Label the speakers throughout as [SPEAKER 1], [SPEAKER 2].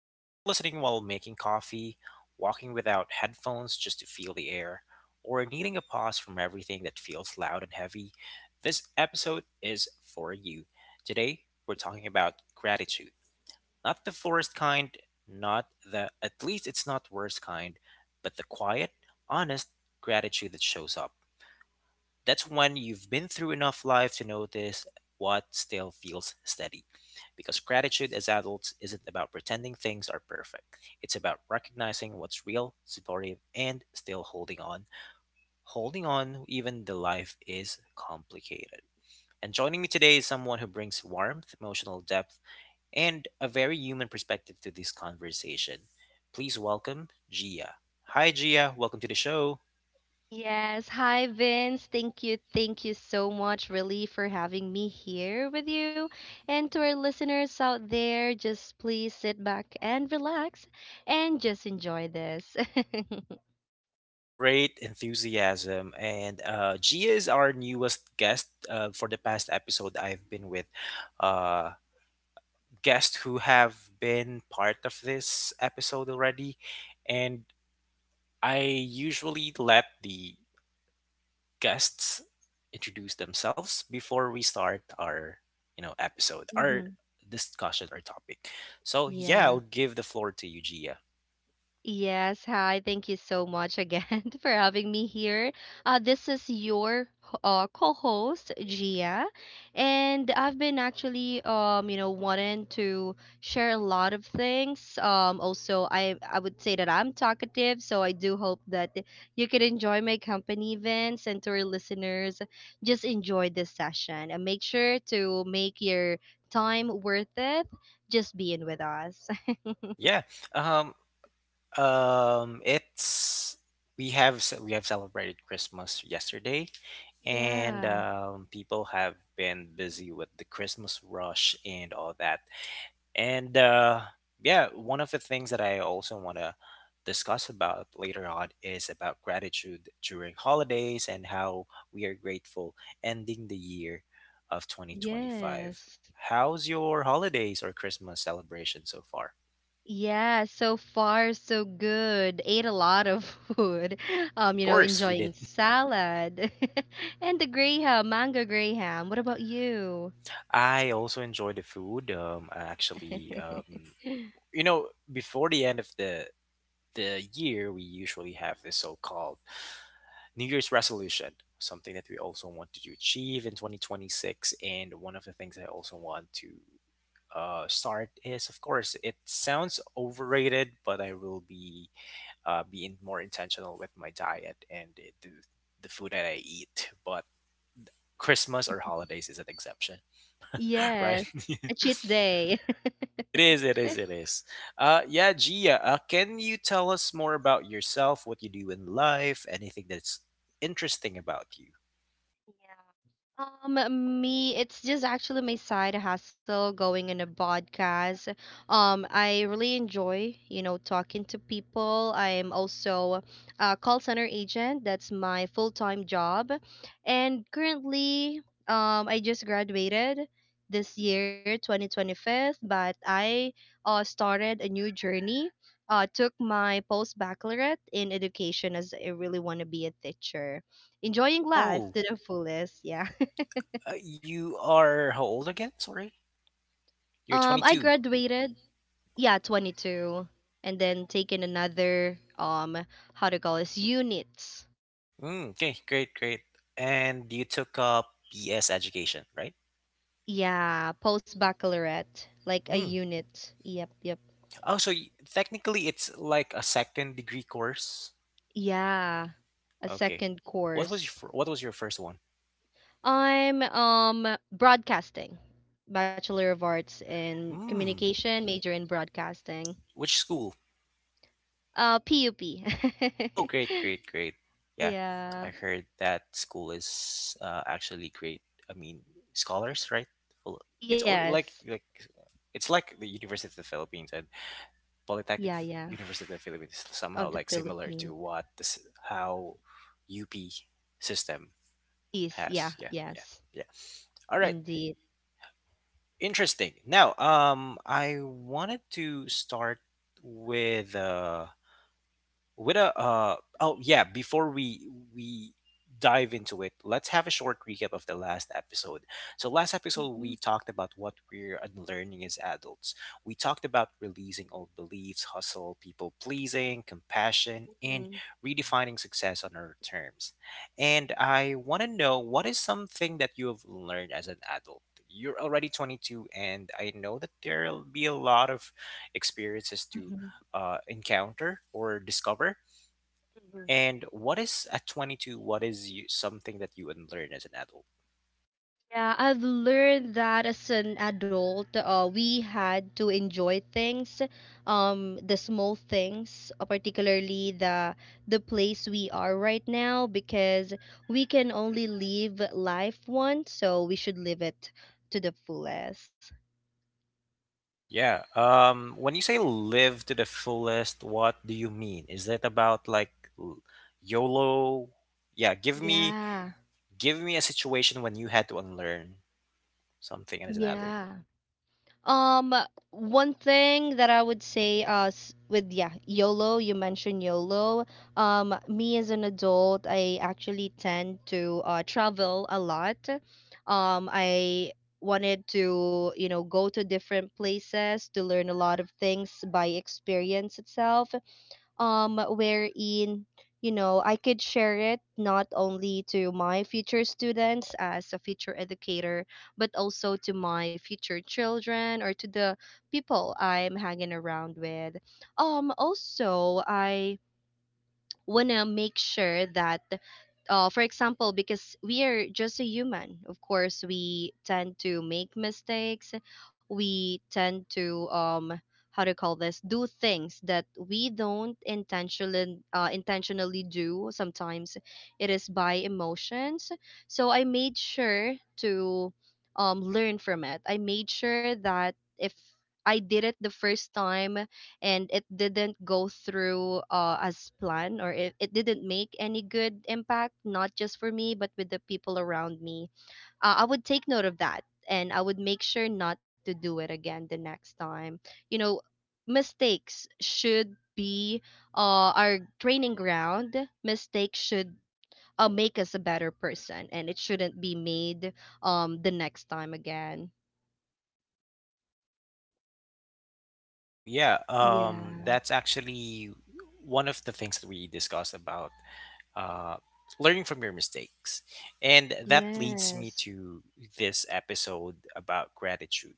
[SPEAKER 1] If you're listening while making coffee, walking without headphones just to feel the air, or needing a pause from everything that feels loud and heavy, this episode is for you. Today, we're talking about gratitude. Not the forced kind, not the at least it's not worst kind, but the quiet, honest gratitude that shows up. That's when you've been through enough life to notice what still feels steady. Because gratitude as adults isn't about pretending things are perfect. It's about recognizing what's real, supportive, and still holding on. Holding on even the life is complicated. And joining me today is someone who brings warmth, emotional depth, and a very human perspective to this conversation. Please welcome Gia. Hi Gia, welcome to the show.
[SPEAKER 2] Yes. Hi, Vince. Thank you. Thank you so much, really, for having me here with you. And to our listeners out there, just please sit back and relax and just enjoy this.
[SPEAKER 1] Great enthusiasm. And Gia is our newest guest for the past episode I've been with. Uh, Guests who have been part of this episode already. And I usually let the guests introduce themselves before we start our episode, our
[SPEAKER 2] Hmm.
[SPEAKER 1] discussion, our topic. So yeah,
[SPEAKER 2] Yeah.
[SPEAKER 1] I'll give the floor to you, Gia.
[SPEAKER 2] Yes, hi. Thank you so much again for having me here. This is your co-host Gia, and I've been actually wanting to share a lot of things. Also, I would say that I'm talkative, so I do hope that you can enjoy my company events and to our listeners, just enjoy this session and make sure to make your time worth it just being with us.
[SPEAKER 1] yeah um it's we have we have celebrated Christmas yesterday, and
[SPEAKER 2] Yeah.
[SPEAKER 1] people have been busy with the Christmas rush and all that. And yeah, one of the things that I also want to discuss about later on is about gratitude during holidays and how we are grateful ending the year of 2025.
[SPEAKER 2] Yes.
[SPEAKER 1] How's your holidays or Christmas celebration so far?
[SPEAKER 2] Yeah, so far so good. Ate a lot of food.
[SPEAKER 1] Of course, we
[SPEAKER 2] Enjoying
[SPEAKER 1] did.
[SPEAKER 2] salad and the graham, mango graham. What about you?
[SPEAKER 1] I also enjoy the food. I actually, you know, before the end of the year, we usually have this so-called New Year's
[SPEAKER 2] Mhm.
[SPEAKER 1] resolution, something that we also
[SPEAKER 2] Yeah.
[SPEAKER 1] want to achieve in 2026. And one of the things I also want to start is, of course, it sounds
[SPEAKER 2] Yeah.
[SPEAKER 1] overrated, but I will be being more intentional with my diet and the food that I eat. But Christmas or holidays is an exception, right?
[SPEAKER 2] Yes, a cheat day.
[SPEAKER 1] It is. Yeah, Gia, can you tell us more about yourself, what you do in life, anything that's interesting about you?
[SPEAKER 2] Me, it's just actually my side hustle going in a podcast. I really enjoy, talking to people. I'm also a call center agent. That's my full-time job. And currently, I just graduated this year, 2025, but I started a new journey. Took my post-baccalaureate in education as I really want to be a teacher. Enjoying life
[SPEAKER 1] Oh,
[SPEAKER 2] to the fullest. Yeah.
[SPEAKER 1] you are how old again? Sorry, you're
[SPEAKER 2] I
[SPEAKER 1] 22.
[SPEAKER 2] graduated, yeah, 22, and then taken another how to call this units.
[SPEAKER 1] Mm, okay, great, great. And you took up BS education, right?
[SPEAKER 2] Yeah, post baccalaureate, like a
[SPEAKER 1] Mm.
[SPEAKER 2] unit. Yep, yep.
[SPEAKER 1] Oh, so technically it's like a second degree course.
[SPEAKER 2] Yeah, a
[SPEAKER 1] Okay.
[SPEAKER 2] second
[SPEAKER 1] What was your
[SPEAKER 2] course.
[SPEAKER 1] what was your first one?
[SPEAKER 2] I'm broadcasting, Bachelor of Arts in
[SPEAKER 1] Mm.
[SPEAKER 2] Communication, major in broadcasting.
[SPEAKER 1] Which school?
[SPEAKER 2] PUP.
[SPEAKER 1] Oh, great, great, great. Yeah, I
[SPEAKER 2] Yeah.
[SPEAKER 1] heard that school is actually great. I mean, scholars, right? Well, it's all
[SPEAKER 2] Yes.
[SPEAKER 1] like it's like the University of the Philippines, and Polytechnic
[SPEAKER 2] Yeah, yeah.
[SPEAKER 1] University of the Philippines is somehow
[SPEAKER 2] Of the
[SPEAKER 1] like similar to
[SPEAKER 2] Philippines.
[SPEAKER 1] what this how UP system
[SPEAKER 2] Is yeah,
[SPEAKER 1] has. Yeah, yeah,
[SPEAKER 2] yes.
[SPEAKER 1] yeah. All right,
[SPEAKER 2] Indeed.
[SPEAKER 1] interesting. Now, I wanted to start with uh with a uh oh yeah before we dive into it. Let's have a short recap of the last episode. So last episode, we
[SPEAKER 2] Mhm.
[SPEAKER 1] talked about what we're unlearning as adults. We talked about releasing old beliefs, hustle, people pleasing, compassion, and
[SPEAKER 2] Mhm.
[SPEAKER 1] redefining success on our terms. And I want to know what is something that you have learned as an adult. You're already 22, and I know that there'll be a lot of experiences to
[SPEAKER 2] Mhm.
[SPEAKER 1] encounter or discover.
[SPEAKER 2] Mhm.
[SPEAKER 1] And what is at 22, something that you would learn as an adult?
[SPEAKER 2] Yeah, I've learned that as an adult, we had to enjoy things, the small things, particularly the place we are right now, because we can only live life once, so we should live it to the fullest.
[SPEAKER 1] Yeah. When you say live to the fullest, what do you mean? Is that about like l- YOLO? Yeah,
[SPEAKER 2] Yeah,
[SPEAKER 1] give me a situation when you had to unlearn something as an adult.
[SPEAKER 2] yeah. Um, One thing that I would say, with yeah, YOLO. You mentioned YOLO. Me as an adult, I actually tend to travel a lot. I wanted to, go to different places to learn a lot of things by experience itself, wherein I could share it not only to my future students as a future educator but also to my future children or to the people I'm hanging around with. Also, I want to make sure that, for example, because we are just a human, of course we tend to make mistakes. We tend to, how to call this do things that we don't intentionally, intentionally do. Sometimes it is by emotions, so I made sure to, learn from it. I made sure that if I did it the first time and it didn't go through as planned, or it didn't make any good impact not just for me but with the people around me, I would take note of that and I would make sure not to do it again the next time. You know, mistakes should be, our training ground. Mistakes should, make us a better person, and it shouldn't be made the next time again.
[SPEAKER 1] Cool. Yeah.
[SPEAKER 2] Yeah.
[SPEAKER 1] That's actually one of the things that we discussed about, uh, learning from your mistakes. And that leads me
[SPEAKER 2] Yes.
[SPEAKER 1] to this episode about gratitude.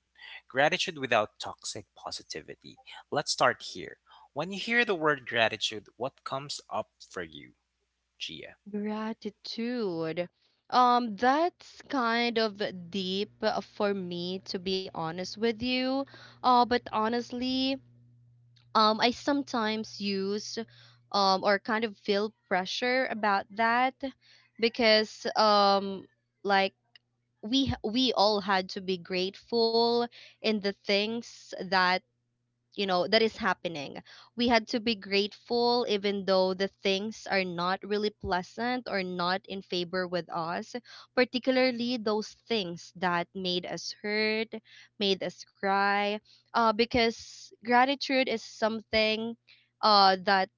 [SPEAKER 1] Gratitude without toxic positivity. Let's start here. When you hear the word gratitude, what comes up for you, Gia?
[SPEAKER 2] Gratitude. That's kind of deep for me, to be honest with you. But honestly, I sometimes use, or kind of feel pressure about that because, like we all had to be grateful in the things that that is happening. We had to be grateful even though the things are not really pleasant or not in favor with us, particularly those things that made us hurt, made us cry, because gratitude is something, that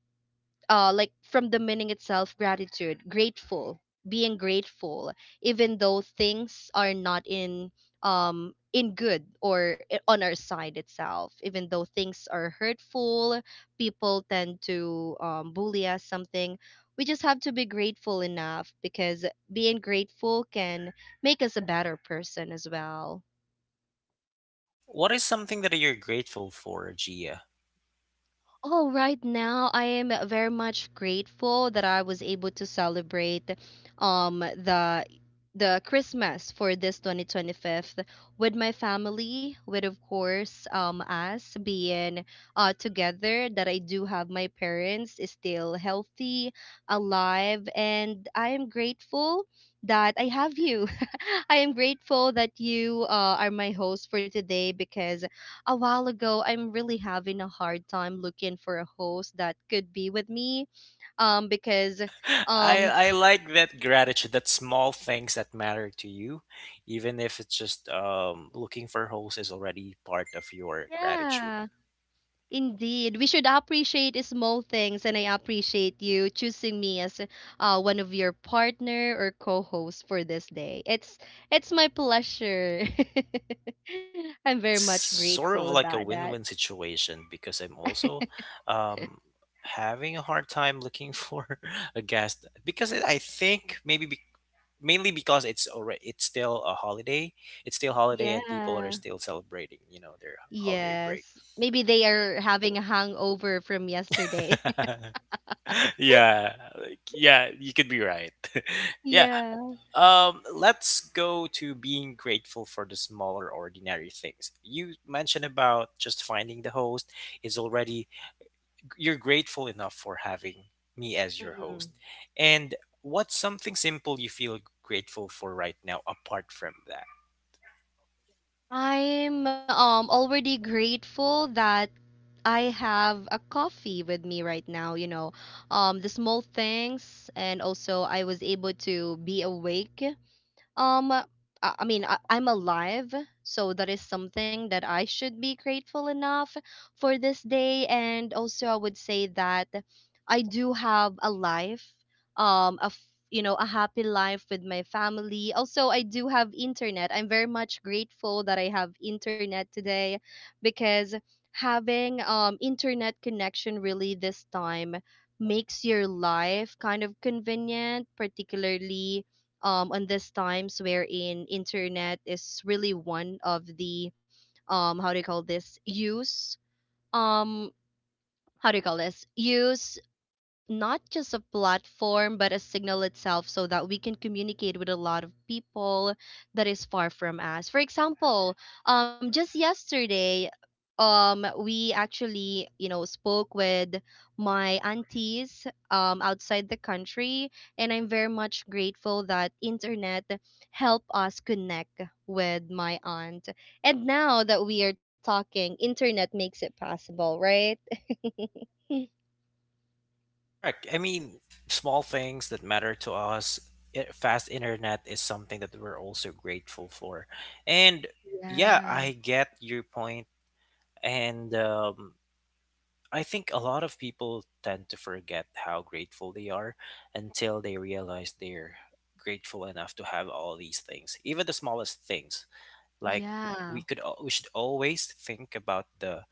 [SPEAKER 2] like from the meaning itself, gratitude, grateful, being grateful, even though things are not in, in good or on our side itself, even though things are hurtful, people tend to, bully us something. We just have to be grateful enough because being grateful can make us a better person as well.
[SPEAKER 1] What is something that you're grateful for, Gia?
[SPEAKER 2] Oh, right now I am very much grateful that I was able to celebrate um the the Christmas for this 2025 with my family, with of course us being together, that I do have my parents is still healthy, alive, and I am grateful that I have you. I am grateful that you, are my host for today because a while ago, I'm really having a hard time looking for a host that could be with me. Because um
[SPEAKER 1] I like that gratitude, that small things that matter to you, even if it's just looking for holes is already part of your gratitude.
[SPEAKER 2] yeah, indeed. We should appreciate small things and I appreciate you choosing me as one of your partner or co-hosts for this day. It's my pleasure. I'm
[SPEAKER 1] Yeah,
[SPEAKER 2] very
[SPEAKER 1] it's
[SPEAKER 2] much grateful
[SPEAKER 1] sort of
[SPEAKER 2] about
[SPEAKER 1] like a
[SPEAKER 2] that.
[SPEAKER 1] win-win situation because I'm also um, having a hard time looking for a guest because I think maybe mainly because it's already it's still a holiday. It's still holiday and people are
[SPEAKER 2] Yeah.
[SPEAKER 1] still celebrating, you know, their holiday break.
[SPEAKER 2] Yes. Maybe they are having a hangover from yesterday.
[SPEAKER 1] Yeah, like, yeah, you could be right. Yeah,
[SPEAKER 2] Yeah.
[SPEAKER 1] let's go to being grateful for the smaller, ordinary things. You mentioned about just finding the host is already you're grateful enough for having me as your host.
[SPEAKER 2] Mhm.
[SPEAKER 1] And what's something simple you feel grateful for right now apart from that?
[SPEAKER 2] I'm already grateful that I have a coffee with me right now. The small things and also I was able to be awake. Um, I I mean, I'm alive, so that is something that I should be grateful enough for this day. And also, I would say that I do have a life, a f- you know, a happy life with my family. Also, I do have internet. I'm very much grateful that I have internet today because having internet connection really this time makes your life kind of convenient, particularly on these times wherein internet is really one of the, how do you call this use, um, how do you call this use, not just a platform but a signal itself so that we can communicate with a lot of people that is far from us. For example, just yesterday, we actually, spoke with my aunties outside the country, and I'm very much grateful that internet help us connect with my aunt, and now that we are talking internet makes it possible, right?
[SPEAKER 1] Correct. I mean, small things that matter to us. Fast internet is something that we're also grateful for. And yeah,
[SPEAKER 2] Yeah,
[SPEAKER 1] I get your point. And I think a lot of people tend to forget how grateful they are until they realize they're grateful enough to have all these things, even the smallest things. Like
[SPEAKER 2] yeah.
[SPEAKER 1] we should always think about the,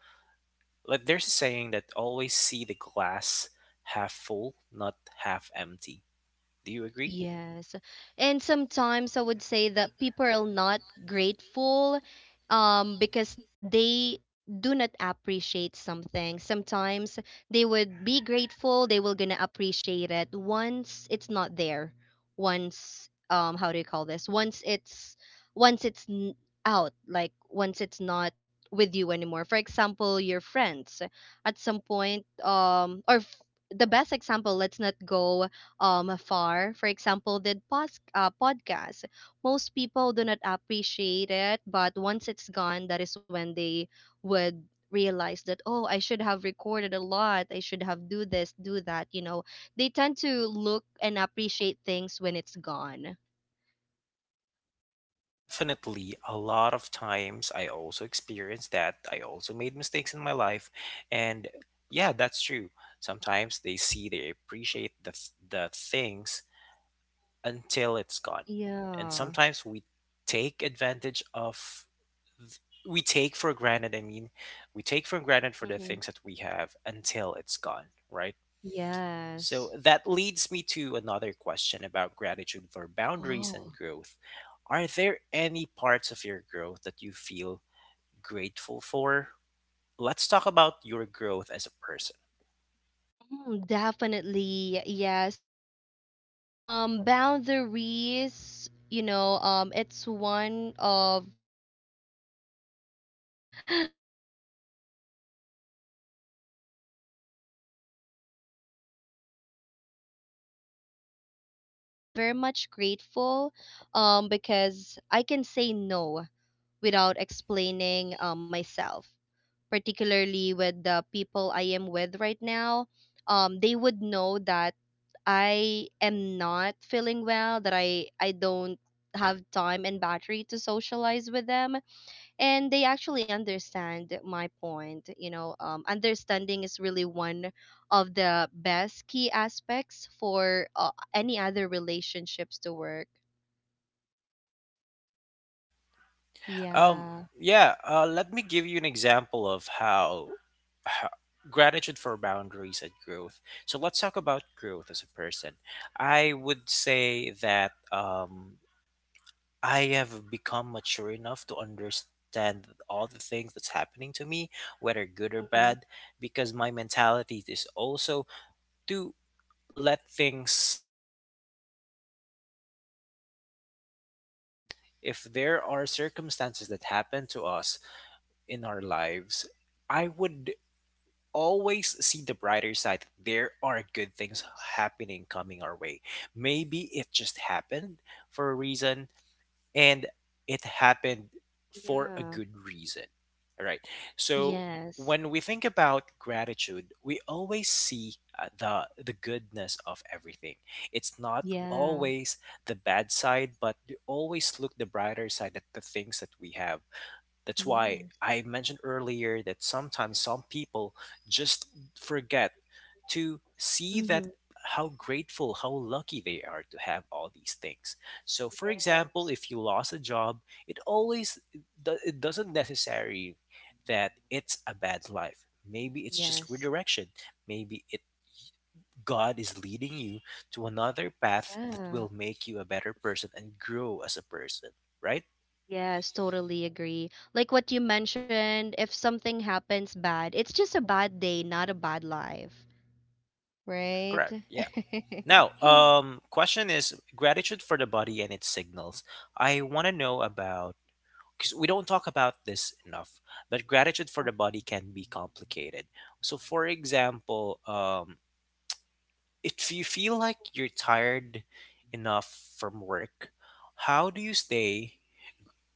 [SPEAKER 1] like there's a saying that always see the glass half full, not half empty. Do you agree?
[SPEAKER 2] Yes. And sometimes I would say that people are not grateful because they do not appreciate something. Sometimes they would be grateful, they will gonna appreciate it once it's not there. Once, how do you call this? Once it's out, like once it's not with you anymore. For example, your friends at some point, the best example, let's not go, far, for example, podcasts. Most people do not appreciate it, but once it's gone, that is when they would realize that, oh, I should have recorded a lot, I should have do this, do that. You know, they tend to look and appreciate things when it's gone.
[SPEAKER 1] Definitely, a lot of times I also experienced that. I also made mistakes in my life, and yeah, that's true. Sometimes they see they appreciate the things until it's gone, and
[SPEAKER 2] Yeah.
[SPEAKER 1] sometimes we take advantage of we take for granted, we take for granted for the
[SPEAKER 2] Hmm.
[SPEAKER 1] things that we have until it's gone, right? So
[SPEAKER 2] Yes.
[SPEAKER 1] that leads me to another question about gratitude for boundaries
[SPEAKER 2] Oh.
[SPEAKER 1] and growth. Are there any parts of your growth that you feel grateful for? Let's talk about your growth as a person.
[SPEAKER 2] Definitely, yes, because boundaries, it's one of the awkward things. Like, because people tend to, not be familiar with the boundaries itself, but I'm very much grateful because I can say no without explaining myself, particularly with the people I am with right now, they would know that I am not feeling well, that I don't have time and battery to socialize with them. And they actually understand my point. You know, understanding is really one of the best key aspects for any other relationships to work.
[SPEAKER 1] Um,
[SPEAKER 2] Yeah.
[SPEAKER 1] yeah, let me give you an example of how gratitude for boundaries and growth. So let's talk about growth as a person. I would say that I have become mature enough to understand all the things that's happening to me, whether good or
[SPEAKER 2] Mm-hmm.
[SPEAKER 1] bad, because my mentality is also to let things be. What I mean
[SPEAKER 2] Yeah.
[SPEAKER 1] is, if bad things happen, if there are circumstances that happen to us, in our lives, I would always see the brighter side. There are good things
[SPEAKER 2] Yes.
[SPEAKER 1] happening coming our way. Maybe it just happened for a reason, and it happened for a
[SPEAKER 2] Yeah.
[SPEAKER 1] good reason. All right. So
[SPEAKER 2] Yes.
[SPEAKER 1] when we think about gratitude, we always see the the goodness of everything. It's not
[SPEAKER 2] Yeah.
[SPEAKER 1] always the bad side, but you always look the brighter side at the things that we have. That's why
[SPEAKER 2] Yes.
[SPEAKER 1] I mentioned earlier that sometimes some people just forget to see
[SPEAKER 2] Mm-hmm.
[SPEAKER 1] that how grateful, how lucky they are to have all these things. So, for example,
[SPEAKER 2] Yes.
[SPEAKER 1] if you lost a job, it always it doesn't necessary that it's a bad life. Maybe it's just
[SPEAKER 2] Yes.
[SPEAKER 1] redirection. Maybe it God is leading you to another path that
[SPEAKER 2] Yeah.
[SPEAKER 1] will make you a better person and grow as a person. Right?
[SPEAKER 2] Yes, totally agree. Like what you mentioned, if something happens bad, it's just a bad day, not a bad life,
[SPEAKER 1] Correct.
[SPEAKER 2] right?
[SPEAKER 1] Correct. Yeah. Now, question is gratitude for the body and its signals. I want to know about because we don't talk about this enough, but gratitude for the body can be complicated. So, for example, if you feel like you're tired enough from work, how do you stay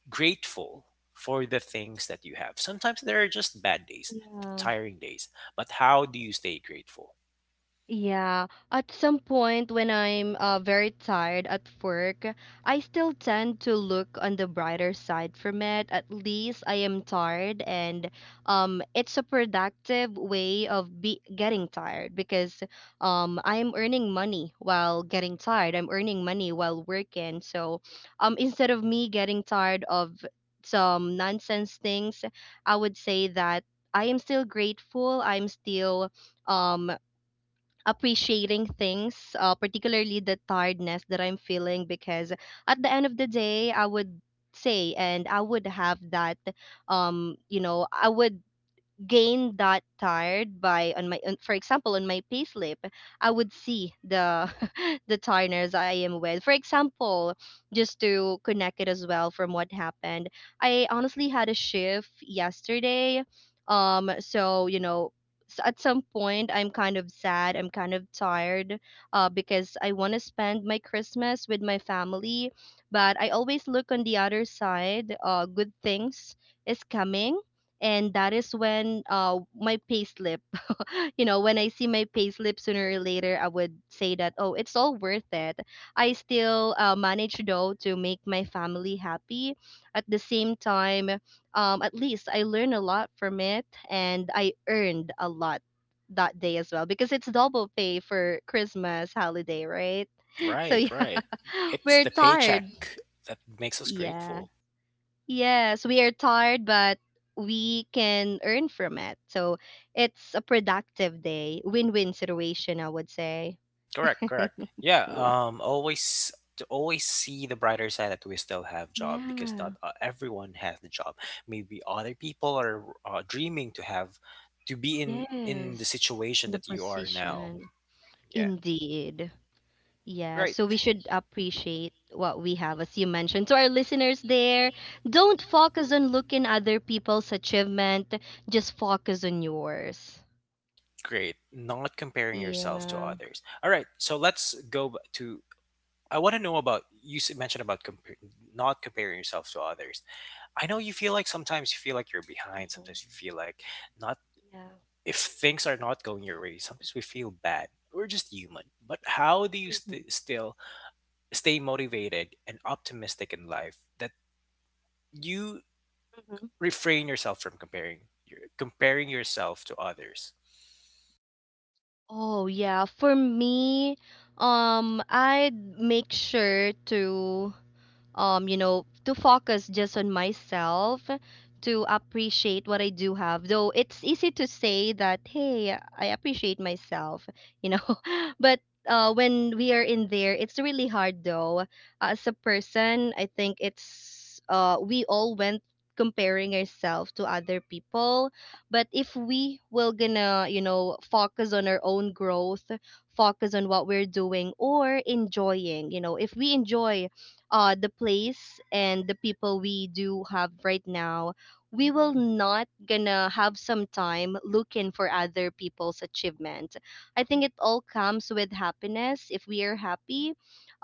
[SPEAKER 1] grateful for the things that you have? Sometimes there are just bad days,
[SPEAKER 2] Yeah.
[SPEAKER 1] tiring days, but how do you stay grateful?
[SPEAKER 2] Yeah, at some point when I'm very tired at work, I still tend to look on the brighter side from it. At least I am tired, and it's a productive way of be getting tired because I'm earning money while getting tired. I'm earning money while working, so instead of me getting tired of some nonsense things, I would say that I am still grateful. I'm still um appreciating things, particularly the tiredness that I'm feeling, because at the end of the day, I would say and I would have that, I would gain that tired by for example on my payslip. I would see the the tiredness I am with, for example, just to connect it as well from what happened. I honestly had a shift yesterday. um so you know at some point I'm kind of sad, I'm kind of tired, because I want to spend my Christmas with my family. But I always look on the other side, good things is coming. And that is when my payslip, you know, when I see my payslip sooner or later I would say that, oh, it's all worth it. I still manage though to make my family happy at the same time. At least I learn a lot from it, and I earned a lot that day as well because it's double pay for Christmas holiday, right? So
[SPEAKER 1] Right,
[SPEAKER 2] yeah.
[SPEAKER 1] right. It's
[SPEAKER 2] We're
[SPEAKER 1] the
[SPEAKER 2] tired.
[SPEAKER 1] paycheck that makes us
[SPEAKER 2] Yeah.
[SPEAKER 1] grateful.
[SPEAKER 2] Yes, we are tired, but we can earn from it. So it's a productive day, win win situation, I would say.
[SPEAKER 1] Correct, correct. Yeah, um, always to always see the brighter side that we still have job because
[SPEAKER 2] Yeah.
[SPEAKER 1] not everyone has the job. Maybe other people are dreaming to have to be in the
[SPEAKER 2] Yes.
[SPEAKER 1] situation
[SPEAKER 2] The
[SPEAKER 1] that you are now.
[SPEAKER 2] position.
[SPEAKER 1] Yeah.
[SPEAKER 2] Indeed. Yeah,
[SPEAKER 1] Right.
[SPEAKER 2] so we should appreciate what we have, as you mentioned. To our listeners there, don't focus on looking other people's achievement, just focus on yours.
[SPEAKER 1] Great. Not comparing yourself to
[SPEAKER 2] Yeah.
[SPEAKER 1] others. All right. So let's go b- to I want to know about you mentioned about not comparing yourself to others. I know you feel like sometimes you feel like you're behind. Sometimes
[SPEAKER 2] Mhm.
[SPEAKER 1] you feel like not
[SPEAKER 2] Yeah.
[SPEAKER 1] if things are not going your way. Sometimes we feel bad. We're just human. But how do you
[SPEAKER 2] Mhm.
[SPEAKER 1] still stay motivated and optimistic in life that you
[SPEAKER 2] Mhm.
[SPEAKER 1] refrain yourself from comparing comparing yourself to others?
[SPEAKER 2] Oh yeah, for me, I'd make sure to to focus just on myself, to appreciate what I do have. Though it's easy to say that, hey, I appreciate myself, you know, but when we are in there, it's really hard though. As a person, I think it's, we all went comparing ourselves to other people. But if we will gonna, you know, focus on our own growth, focus on what we're doing or enjoying, you know, if we enjoy the place and the people we do have right now, we will not gonna have some time looking for other people's achievement. I think it all comes with happiness. If we are happy,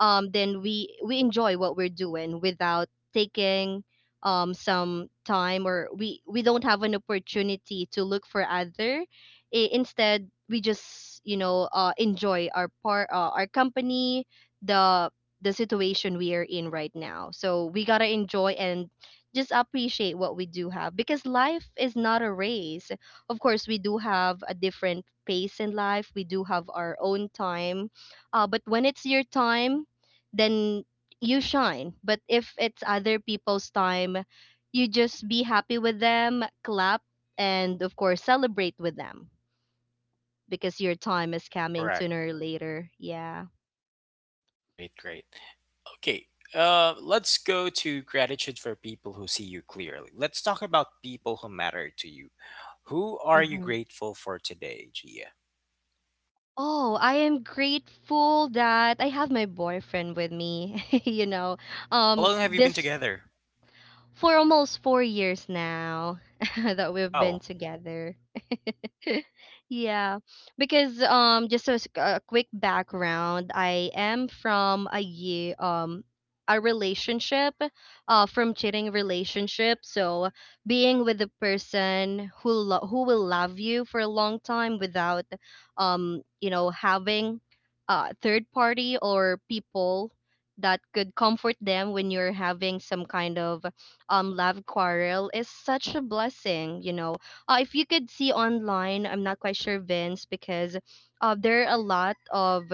[SPEAKER 2] then we enjoy what we're doing without taking some time, or we don't have an opportunity to look for other. I- instead we just, you know, enjoy our part, our company, the the situation we are in right now. So we got to enjoy and just appreciate what we do have because life is not a race. Of course, we do have a different pace in life, we do have our own time. But when it's your time, then you shine. But if it's other people's time, you just be happy with them, clap, and of course, celebrate with them because your time is coming
[SPEAKER 1] Correct.
[SPEAKER 2] sooner or later. Yeah.
[SPEAKER 1] Great. Great. Okay. Let's go to gratitude for people who see you clearly. Let's talk about people who matter to you. Who are you grateful for today, Gia?
[SPEAKER 2] Oh, I am grateful that I have my boyfriend with me. You know,
[SPEAKER 1] How long have you been
[SPEAKER 2] this
[SPEAKER 1] together?
[SPEAKER 2] for almost 4 years now. That we've been
[SPEAKER 1] Wow.
[SPEAKER 2] together. Yeah, because just as a quick background, I am from a year, a relationship from cheating relationship. So being with a person who who will love you for a long time without having third party or people that could comfort them when you're having some kind of love quarrel is such a blessing, you know. If you could see online, I'm not quite sure, Vince, because there are a lot of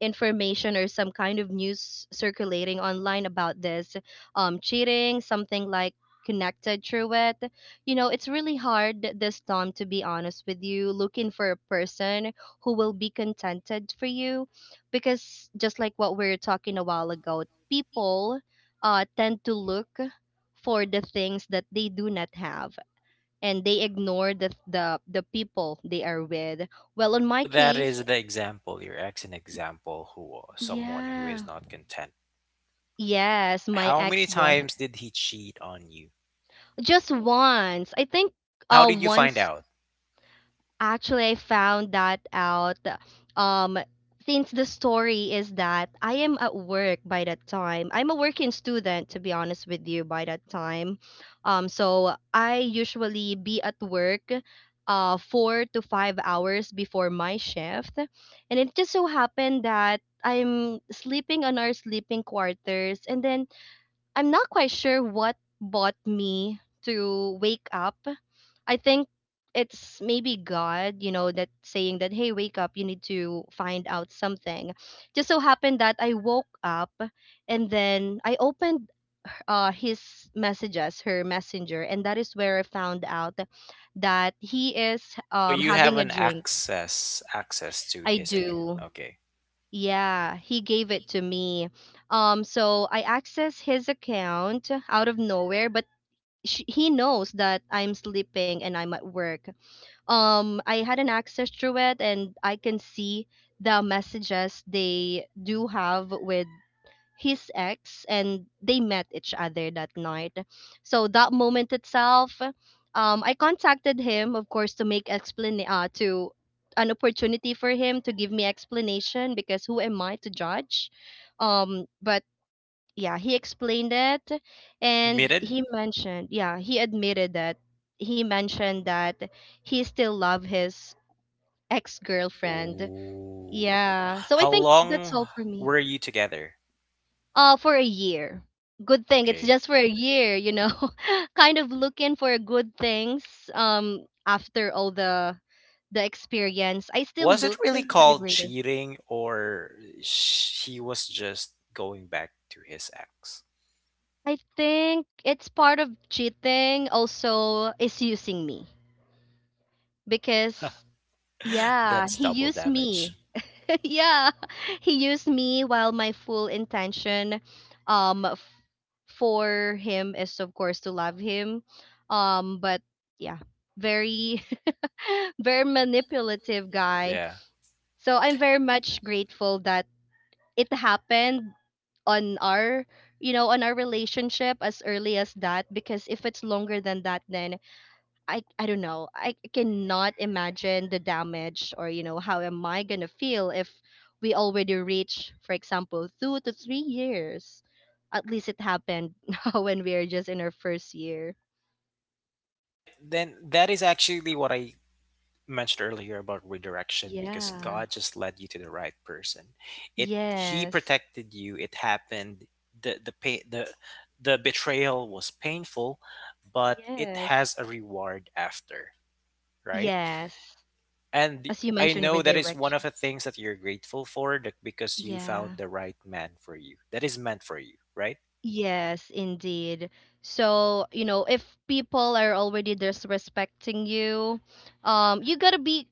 [SPEAKER 2] information or some kind of news circulating online about this cheating, something like connected through it. You know, it's really hard this time, to be honest with you, looking for a person who will be contented for you. Because just like what we were talking a while ago, people tend to look for the things that they do not have, and they ignore the the people they are with. Well, on
[SPEAKER 1] So
[SPEAKER 2] my
[SPEAKER 1] that
[SPEAKER 2] case,
[SPEAKER 1] is the example. Your ex an example who someone who is
[SPEAKER 2] yeah.
[SPEAKER 1] not content.
[SPEAKER 2] Yes, my
[SPEAKER 1] How many
[SPEAKER 2] ex-boy.
[SPEAKER 1] times did he cheat on you?
[SPEAKER 2] Just once, I think.
[SPEAKER 1] And how did you find
[SPEAKER 2] Once.
[SPEAKER 1] out?
[SPEAKER 2] Actually, I found that out, um since the story is that I am at work by that time. I'm a working student, to be honest with you, by that time. Um, so I usually be at work 4 to 5 hours before my shift. And it just so happened that I'm sleeping on our sleeping quarters, and then I'm not quite sure what brought me to wake up. I think it's maybe God, you know, that saying that, hey, wake up, you need to find out something. Just so happened that I woke up, and then I opened her messenger, and that is where I found out that he is,
[SPEAKER 1] So you have
[SPEAKER 2] having a
[SPEAKER 1] an
[SPEAKER 2] drink.
[SPEAKER 1] access to
[SPEAKER 2] I
[SPEAKER 1] his account.
[SPEAKER 2] do.
[SPEAKER 1] Okay.
[SPEAKER 2] Yeah, he gave it to me. So I access his account out of nowhere, but sh he knows that I'm sleeping and I'm at work. Um, I had an access through it, and I can see the messages they do have with his ex, and they met each other that night. So that moment itself, I contacted him of course to make explain to an opportunity for him to give me explanation, because who am I to judge? Um, but yeah, he explained it,
[SPEAKER 1] He
[SPEAKER 2] and
[SPEAKER 1] admitted?
[SPEAKER 2] he mentioned, yeah, he admitted that he mentioned that he still love his ex-girlfriend.
[SPEAKER 1] Oh.
[SPEAKER 2] Yeah, so I
[SPEAKER 1] How
[SPEAKER 2] think that's
[SPEAKER 1] long
[SPEAKER 2] all for me.
[SPEAKER 1] were you together?
[SPEAKER 2] For a year. Good thing it's
[SPEAKER 1] Okay.
[SPEAKER 2] just for a year, you know. Kind of looking for good things. Um, after all the experience, I still
[SPEAKER 1] Was it
[SPEAKER 2] look
[SPEAKER 1] really
[SPEAKER 2] on the
[SPEAKER 1] called
[SPEAKER 2] greater.
[SPEAKER 1] cheating or he was just going back to his ex?
[SPEAKER 2] I think it's part of cheating also is using me, because yeah,
[SPEAKER 1] That's
[SPEAKER 2] he
[SPEAKER 1] double
[SPEAKER 2] used
[SPEAKER 1] damage.
[SPEAKER 2] me. Yeah, he used me while my full intention, um f- for him is of course to love him. Um, but yeah, very very manipulative guy.
[SPEAKER 1] Yeah.
[SPEAKER 2] So I'm very much grateful that it happened on our, you know, on our relationship as early as that, because if it's longer than that then I don't know. I cannot imagine the damage, or you know, how am I gonna feel if we already reach, for example, 2 to 3 years. At least it happened when we are just in our first year.
[SPEAKER 1] Right, then that is actually what I mentioned earlier about redirection, because
[SPEAKER 2] Yeah.
[SPEAKER 1] God just led you to the right person. It he
[SPEAKER 2] Yes.
[SPEAKER 1] protected you. It happened. The, the betrayal was painful, but it
[SPEAKER 2] Yes.
[SPEAKER 1] has a reward after, right?
[SPEAKER 2] Yes. As
[SPEAKER 1] And
[SPEAKER 2] you
[SPEAKER 1] I
[SPEAKER 2] mentioned,
[SPEAKER 1] know that is one
[SPEAKER 2] redirection.
[SPEAKER 1] of the things that you're grateful for that because you found
[SPEAKER 2] Yeah.
[SPEAKER 1] the right man for you. That is meant for you, right?
[SPEAKER 2] Yes, indeed. So, you know, if people are already disrespecting you, you gotta be,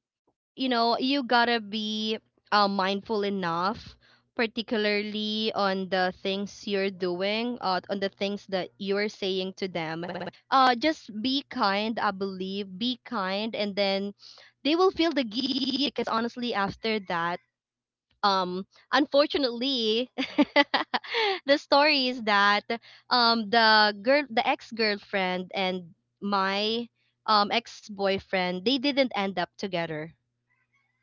[SPEAKER 2] you know, you gotta be mindful enough, particularly on the things you're doing, on the things that you're saying to them. Just be kind, I believe. Be kind, and then they will feel the guilt because honestly, after that, unfortunately, the story is that, the girl, the ex girlfriend, and my ex boyfriend, they didn't end up together.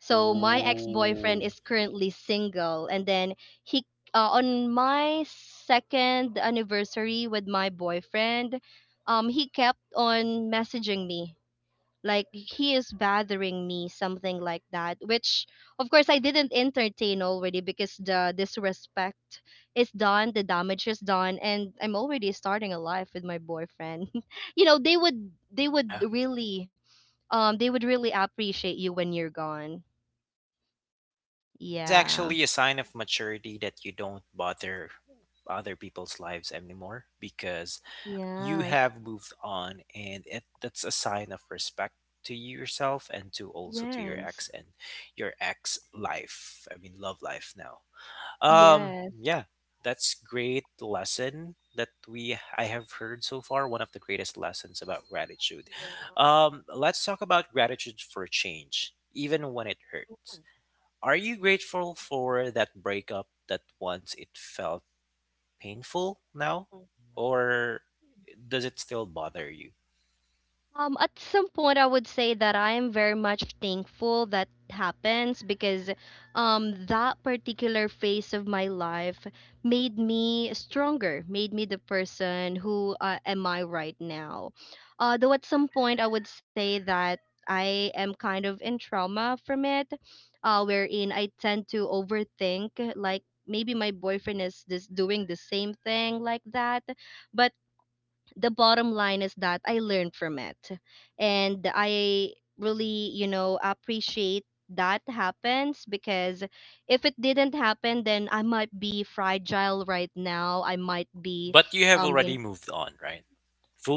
[SPEAKER 2] So my ex-boyfriend
[SPEAKER 1] Ooh.
[SPEAKER 2] is currently single, and then he on my second anniversary with my boyfriend, he kept on messaging me, like he is bothering me, something like that. Which of course I didn't entertain already, because the disrespect is done, the damage is done, and I'm already starting a life with my boyfriend. You know they would
[SPEAKER 1] Yeah.
[SPEAKER 2] really they would really appreciate you when you're gone.
[SPEAKER 1] That is
[SPEAKER 2] Yeah.
[SPEAKER 1] actually a sign of maturity that you don't bother other people's lives anymore because you
[SPEAKER 2] Yes.
[SPEAKER 1] have moved on and it, that's a sign of respect to you yourself and to also to your
[SPEAKER 2] Yes.
[SPEAKER 1] ex and your ex life I mean love life now. Um,
[SPEAKER 2] Yes.
[SPEAKER 1] yeah, that's great lesson that we I have heard so far, one of the greatest lessons about gratitude.
[SPEAKER 2] Yeah.
[SPEAKER 1] Um, let's talk about gratitude for change even when it hurts. Are you grateful for that breakup that once it felt painful now? Or does it still bother you?
[SPEAKER 2] At some point, I would say that I am very much thankful that happens because, that particular phase of my life made me stronger, made me the person who am I right now. Though at some point, I would say that I am kind of in trauma from it, wherein I tend to overthink, like maybe my boyfriend is this doing the same thing like that. But the bottom line is that I learned from it. And I really, you know, appreciate that happens because if it didn't happen, then I might be fragile right now. I might be,
[SPEAKER 1] But you have
[SPEAKER 2] you
[SPEAKER 1] already moved on, right?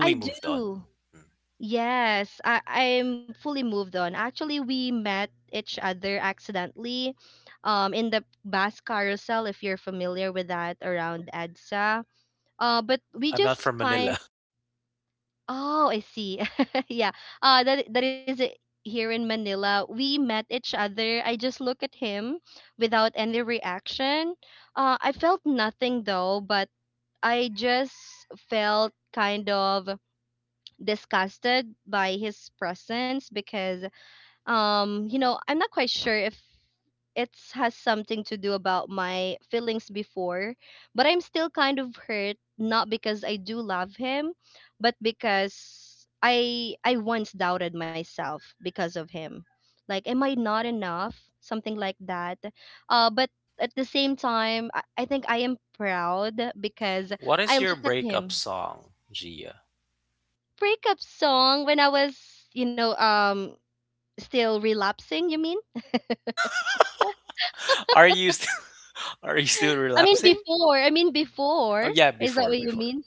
[SPEAKER 2] I
[SPEAKER 1] moved on.
[SPEAKER 2] do.
[SPEAKER 1] Hmm.
[SPEAKER 2] Yes, I'm fully moved on. Actually, we met each other accidentally, in the bus carousel, if you're familiar with that around EDSA. But we
[SPEAKER 1] I'm not
[SPEAKER 2] just
[SPEAKER 1] from
[SPEAKER 2] kind.
[SPEAKER 1] Manila.
[SPEAKER 2] Oh, I see. Yeah. That is it here in Manila. We met each other. I just look at him without any reaction. Uh, I felt nothing though, but I just felt kind of disgusted by his presence because you know, I'm not quite sure if it has something to do about my feelings before, but I'm still kind of hurt, not because I do love him but because I once doubted myself because of him, like am I not enough, something like that. But at the same time I think I am proud because
[SPEAKER 1] What
[SPEAKER 2] I
[SPEAKER 1] is your
[SPEAKER 2] looked at
[SPEAKER 1] breakup
[SPEAKER 2] him.
[SPEAKER 1] song, Gia?
[SPEAKER 2] Breakup song? When I was, you know, still relapsing, you mean?
[SPEAKER 1] Are you still, are you still
[SPEAKER 2] I mean
[SPEAKER 1] relapsing?
[SPEAKER 2] before. I mean
[SPEAKER 1] Oh
[SPEAKER 2] before.
[SPEAKER 1] yeah,
[SPEAKER 2] Is that
[SPEAKER 1] before
[SPEAKER 2] what you
[SPEAKER 1] before.
[SPEAKER 2] mean?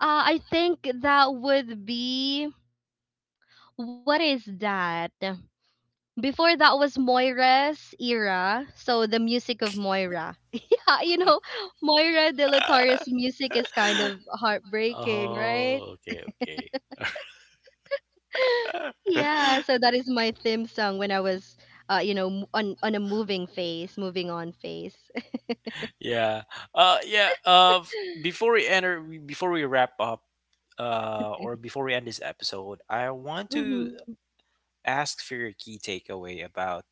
[SPEAKER 2] I think that would be, what is that? Before that was Moira's era, so the music of Moira. Yeah, you know, Moira De La Torre's music is kind of heartbreaking, right?
[SPEAKER 1] Oh, okay, okay.
[SPEAKER 2] Yeah, so that is my theme song when I was, you know, on a moving phase, moving on phase.
[SPEAKER 1] Yeah. Yeah, before we wrap up, or before we end this episode, I want to
[SPEAKER 2] Hmm.
[SPEAKER 1] ask for your key takeaway about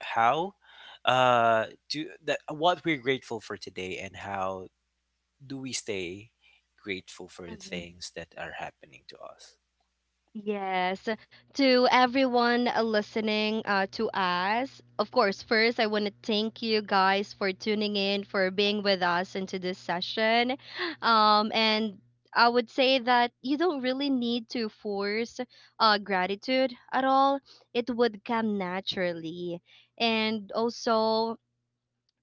[SPEAKER 1] how do that what we're grateful for today and how do we stay grateful for the things that are happening to us.
[SPEAKER 2] Yes. To everyone listening to us, of course, first, I want to thank you guys for tuning in, for being with us into this session. And I would say that you don't really need to force gratitude at all, it would come naturally. And also,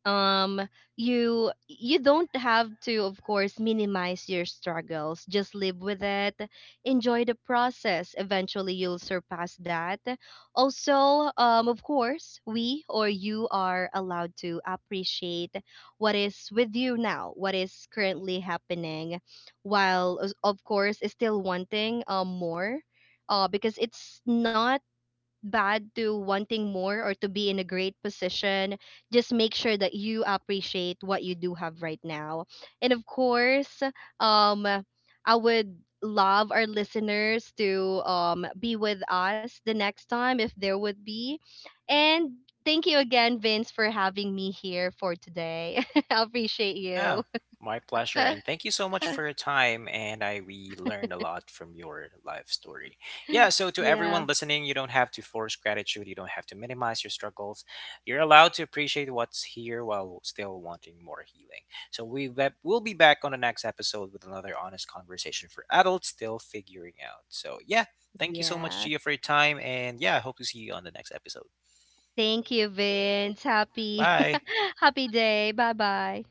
[SPEAKER 2] um you, you don't have to of course minimize your struggles, just live with it, enjoy the process, eventually you'll surpass that. Also, of course we, or you, are allowed to appreciate what is with you now, what is currently happening, while of course still wanting more, because it's not bad to wanting more or to be in a great position. Just make sure that you appreciate what you do have right now. And of course, um, I would love our listeners to, be with us the next time if there would be. And thank you again, Vince, for having me here for today. I appreciate you.
[SPEAKER 1] Yeah, my pleasure. And thank you so much for your time. And I we learned a lot from your life story. Yeah, so to
[SPEAKER 2] Yeah.
[SPEAKER 1] everyone listening, you don't have to force gratitude. You don't have to minimize your struggles. You're allowed to appreciate what's here while still wanting more healing. So we'll be back on the next episode with another honest conversation for adults still figuring out. So yeah, thank you so much,
[SPEAKER 2] Yeah.
[SPEAKER 1] Gia, for your time. And yeah, I hope to see you on the next episode.
[SPEAKER 2] Thank you, Vince. Happy
[SPEAKER 1] Bye.
[SPEAKER 2] happy day. Bye-bye.